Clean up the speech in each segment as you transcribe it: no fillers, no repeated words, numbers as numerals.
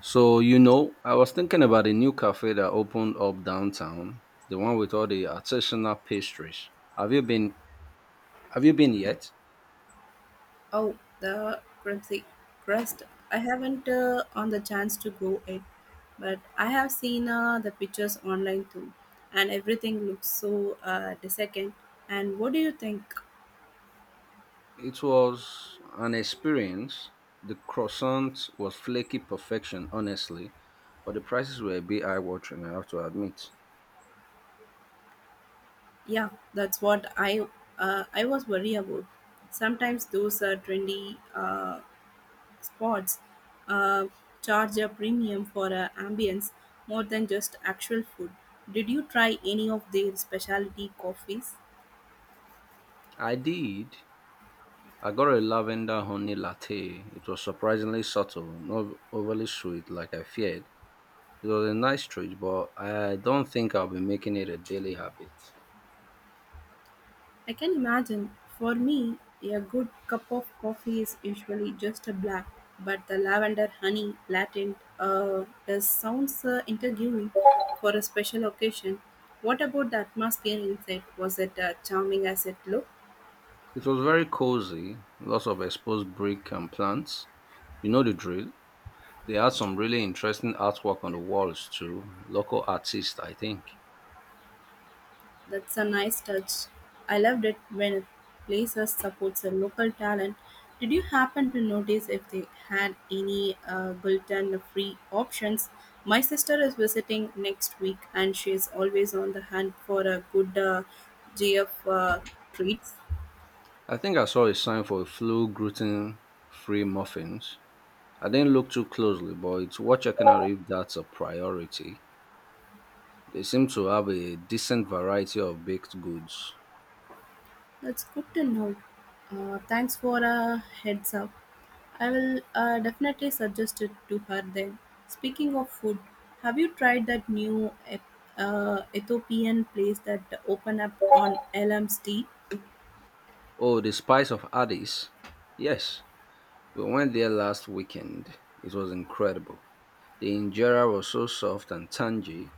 So, you know, I was thinking about a new cafe that opened up downtown, the one with all the artisanal pastries. Have you been have you been yet? Oh, the crimpsy crust. I haven't on the chance to go it, but I have seen the pictures online too, and everything looks so decadent. And what do you think? It was an experience. The croissant was flaky perfection, honestly, but the prices were a bit eye-watering, I have to admit. Yeah, that's what I was worried about. Sometimes those trendy spots uh, charge a premium for ambience more than just actual food. Did you try any of their specialty coffees? I did. I got a lavender honey latte. It was surprisingly subtle, not overly sweet like I feared. It was a nice treat, but I don't think I'll be making it a daily habit. I can imagine. For me, a good cup of coffee is usually just a black, but the lavender honey latte does sounds intriguing for a special occasion. What about the atmosphere inside? Was it charming as it looked? It was very cozy, lots of exposed brick and plants. You know the drill. They had some really interesting artwork on the walls too. Local artists, I think. That's a nice touch. I loved it when a place supports a local talent. Did you happen to notice if they had any gluten-free options? My sister is visiting next week, and she is always on the hunt for a good GF treats. I think I saw a sign for a flu gluten free muffins. I didn't look too closely, but it's worth checking out if that's a priority. They seem to have a decent variety of baked goods. That's good to know. Thanks for a heads up. I will definitely suggest it to her then. Speaking of food, have you tried that new Ethiopian place that opened up on LMST? Oh, the Spice of Addis. Yes, we went there last weekend. It was incredible. The injera was so soft and tangy,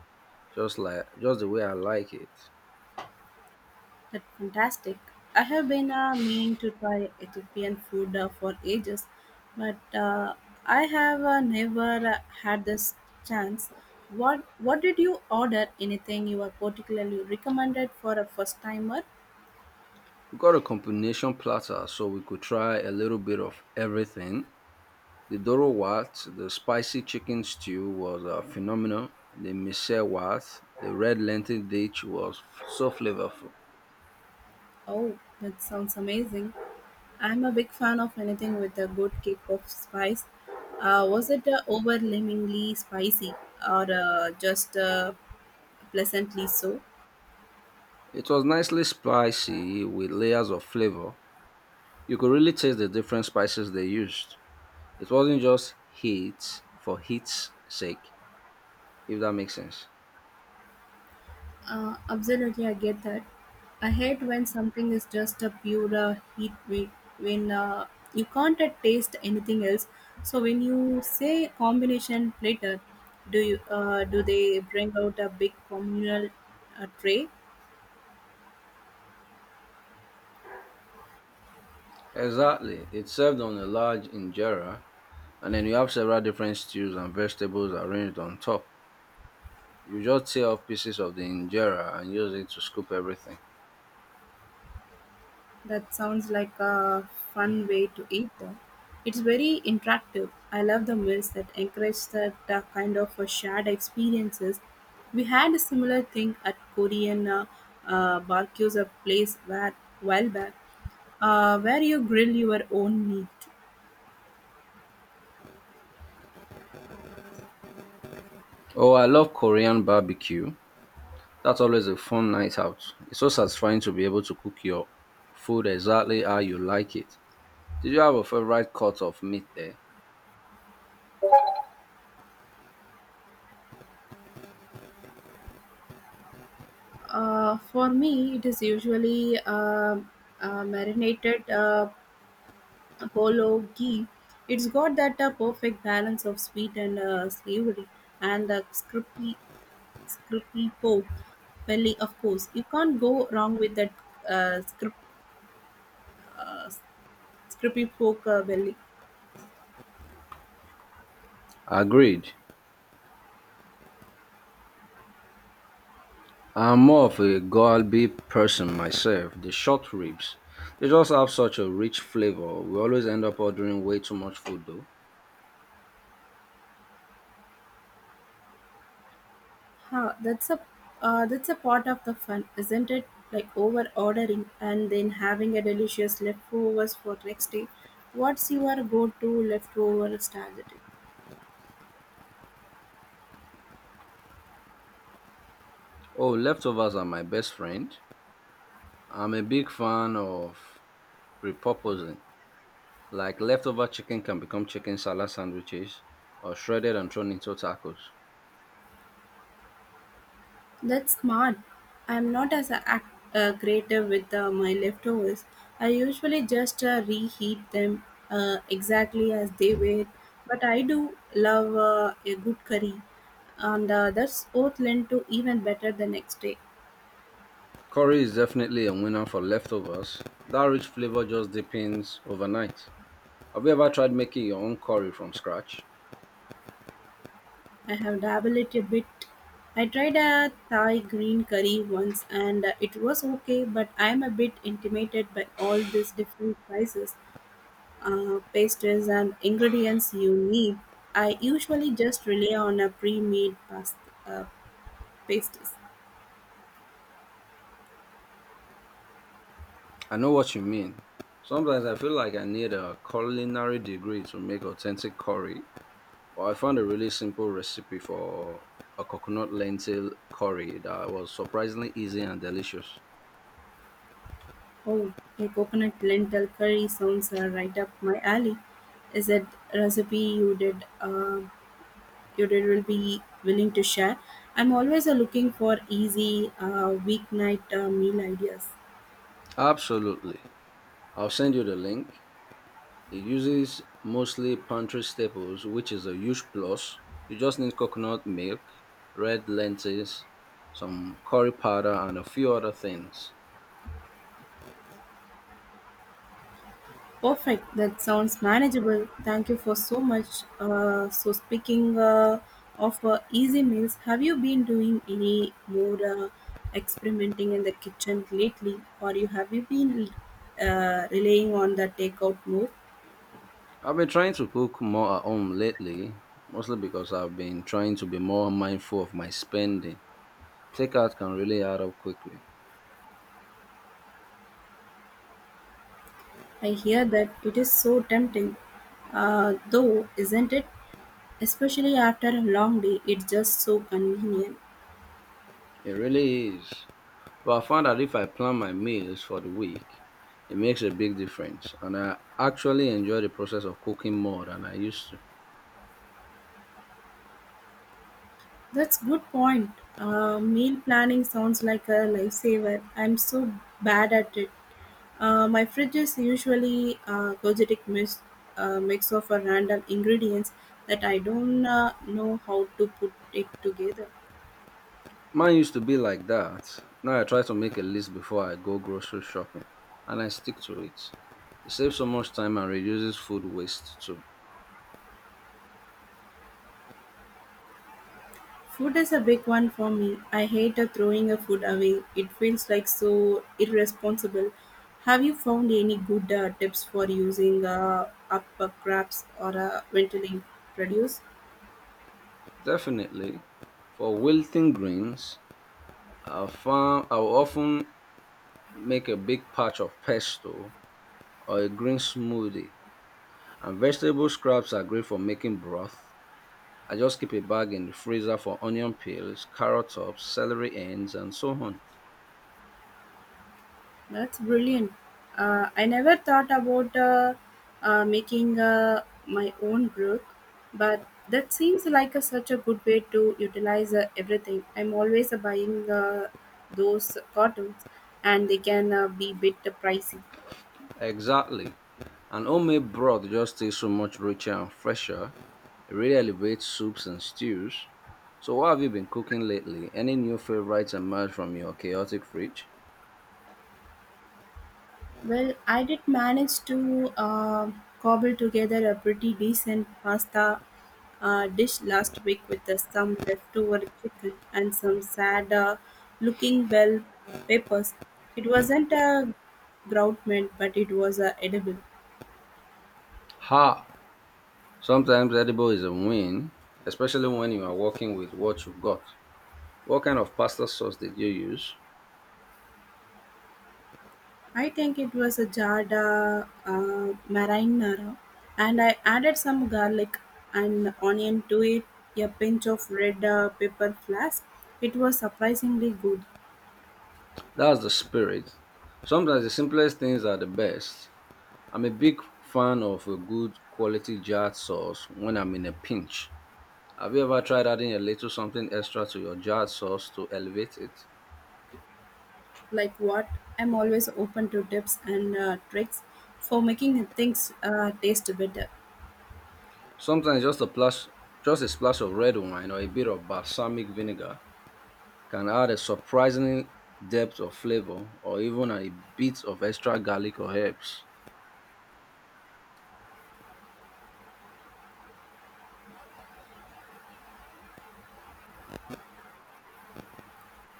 just the way I like it. That's fantastic. I have been meaning to try Ethiopian food for ages, but I have never had this chance. What did you order? Anything you are particularly recommended for a first timer? We got a combination platter so we could try a little bit of everything. The Doro Wat, the spicy chicken stew was phenomenal. The Mise Wat, the red lentil dish was so flavorful. Oh, that sounds amazing. I'm a big fan of anything with a good kick of spice. Was it overwhelmingly spicy or just pleasantly so? It was nicely spicy with layers of flavor. You could really taste the different spices they used. It wasn't just heat for heat's sake, if that makes sense. Absolutely, I get that. I hate when something is just a pure heat wave, when you can't taste anything else. So when you say combination platter, do you do they bring out a big communal tray? Exactly. It's served on a large injera, and then you have several different stews and vegetables arranged on top. You just tear off pieces of the injera and use it to scoop everything. That sounds like a fun way to eat, though. It's very interactive. I love the meals that encourage that kind of shared experiences. We had a similar thing at Korean barbecues, a place where while back, where you grill your own meat. Oh, I love Korean barbecue. That's always a fun night out. It's so satisfying to be able to cook your food exactly how you like it. Did you have a favorite cut of meat there? For me, it is usually marinated polo ghee. It's got that perfect balance of sweet and savory, and the crispy Skripal Pog belly, of course. You can't go wrong with that uh, Skrip, uh, Skripal Pog Valley. Agreed. I'm more of a galbi person myself. The short ribs. They just have such a rich flavor. We always end up ordering way too much food though. Huh, that's a part of the fun, isn't it? Like over ordering and then having a delicious leftovers for next day. What's your go-to leftover strategy? Oh, leftovers are my best friend. I'm a big fan of repurposing. Like leftover chicken can become chicken salad sandwiches or shredded and thrown into tacos. That's smart. I'm not creative with my leftovers. I usually just reheat them exactly as they were. But I do love a good curry, and that's oath lent to even better the next day. Curry is definitely a winner for leftovers. That rich flavor just deepens overnight. Have you ever tried making your own curry from scratch? I have dabbled it a bit. I tried a Thai green curry once, and it was okay. But I'm a bit intimidated by all these different spices. Pastries and ingredients you need. I usually just rely on a pre-made uh, pasties. I know what you mean. Sometimes I feel like I need a culinary degree to make authentic curry, but I found a really simple recipe for a coconut lentil curry that was surprisingly easy and delicious. Oh, a coconut lentil curry sounds right up my alley. Is it a recipe you did will be willing to share? I'm always looking for easy weeknight meal ideas. Absolutely. I'll send you the link. It uses mostly pantry staples, which is a huge plus. You just need coconut milk, red lentils, some curry powder, and a few other things. Perfect. That sounds manageable. Thank you for so much. So speaking of easy meals, have you been doing any more experimenting in the kitchen lately, or you have you been relying on the takeout more? I've been trying to cook more at home lately, mostly because I've been trying to be more mindful of my spending. Takeout can really add up quickly. I hear that it is so tempting, though, isn't it? Especially after a long day, it's just so convenient. It really is. But I found that if I plan my meals for the week, it makes a big difference. And I actually enjoy the process of cooking more than I used to. That's good point. Meal planning sounds like a lifesaver. I'm so bad at it. My fridge is usually a energetic mix of a random ingredients that I don't know how to put it together. Mine used to be like that. Now I try to make a list before I go grocery shopping and I stick to it. It saves so much time and reduces food waste too. Food is a big one for me. I hate throwing a food away. It feels like so irresponsible. Have you found any good tips for using up scraps or ventilating produce? Definitely, for wilting greens, I'll often make a big patch of pesto or a green smoothie. And vegetable scraps are great for making broth. I just keep a bag in the freezer for onion peels, carrot tops, celery ends, and so on. That's brilliant. I never thought about making my own group, but that seems like a, such a good way to utilize everything. I'm always buying those cartons, and they can be bit pricey. Exactly. An homemade broth just tastes so much richer and fresher. It really elevates soups and stews. So, what have you been cooking lately? Any new favorites emerge from your chaotic fridge? Well, I did manage to cobble together a pretty decent pasta dish last week with some leftover chicken and some sad looking bell peppers. It wasn't a grout meant, but it was edible. Ha! Sometimes edible is a win, especially when you are working with what you've got. What kind of pasta sauce did you use? I think it was a jarred marinara, and I added some garlic and onion to it, a pinch of red pepper flakes. It was surprisingly good. That's the spirit. Sometimes the simplest things are the best. I'm a big fan of a good quality jarred sauce when I'm in a pinch. Have you ever tried adding a little something extra to your jarred sauce to elevate it? Like what? I'm always open to tips and tricks for making things taste better. Sometimes just a splash of red wine or a bit of balsamic vinegar can add a surprising depth of flavor, or even a bit of extra garlic or herbs.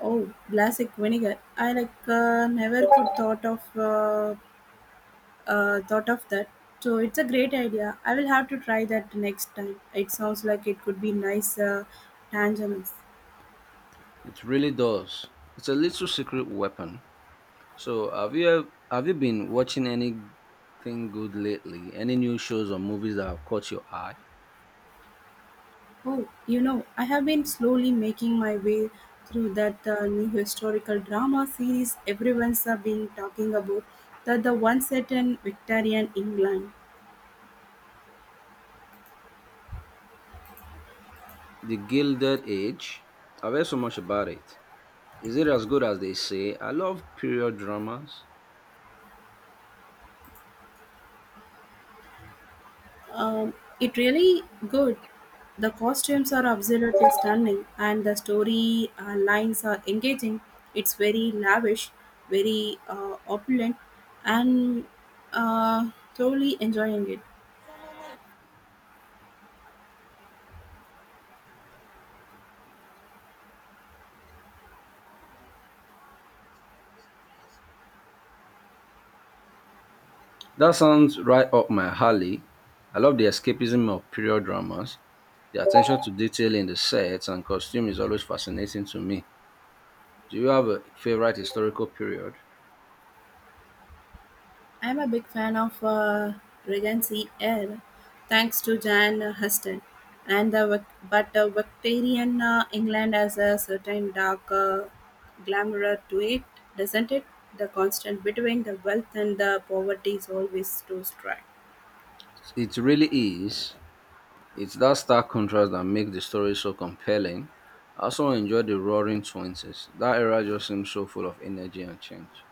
Oh, classic vinegar! I like never could thought of that. So it's a great idea. I will have to try that next time. It sounds like it could be nice tangerines. It really does. It's a little secret weapon. So, have you been watching anything good lately? Any new shows or movies that have caught your eye? Oh, you know, I have been slowly making my way through that new historical drama series everyone's been talking about, that the one set in Victorian England. The Gilded Age? I've heard so much about it. Is it as good as they say? I love period dramas. Um, it really good. The costumes are absolutely stunning, and the story lines are engaging. It's very lavish, very opulent, and thoroughly enjoying it. That sounds right up my alley. I love the escapism of period dramas. The attention to detail in the sets and costume is always fascinating to me. Do you have a favorite historical period? I'm a big fan of Regency Air, thanks to Jan Huston, and the Victorian England has a certain dark glamour to it, doesn't it? The constant between the wealth and the poverty is always too strong. It really is. It's that stark contrast that makes the story so compelling. I also enjoyed the Roaring Twenties. That era just seems so full of energy and change.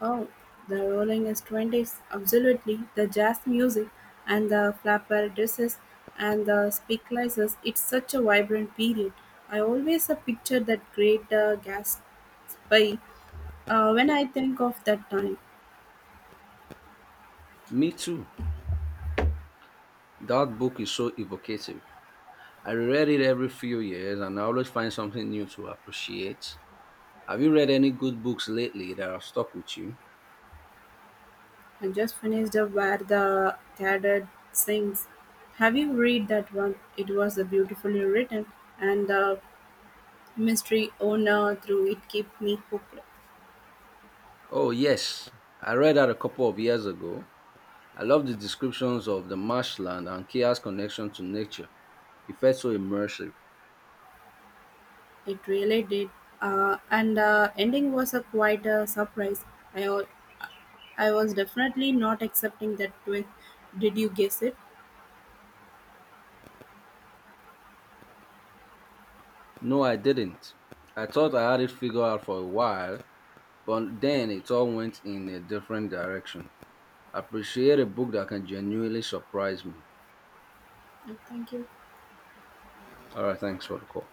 Oh, the Rolling is twenties, absolutely. The jazz music and the flapper dresses and the speaklises. It's such a vibrant period. I always picture that great Gatsby when I think of that time. Me too. That book is so evocative. I reread it every few years and I always find something new to appreciate. Have you read any good books lately that have stuck with you? I just finished up where the cadet sings. Have you read that one? It was beautifully written and the mystery owner through it kept me hooked. Oh, yes. I read that a couple of years ago. I love the descriptions of the marshland and Kia's connection to nature. It felt so immersive. It really did, and the ending was a quite a surprise. I wa- I was definitely not accepting that twist. Did you guess it? No, I didn't. I thought I had it figured out for a while, but then it all went in a different direction. I appreciate a book that can genuinely surprise me. Thank you. All right, thanks for the call.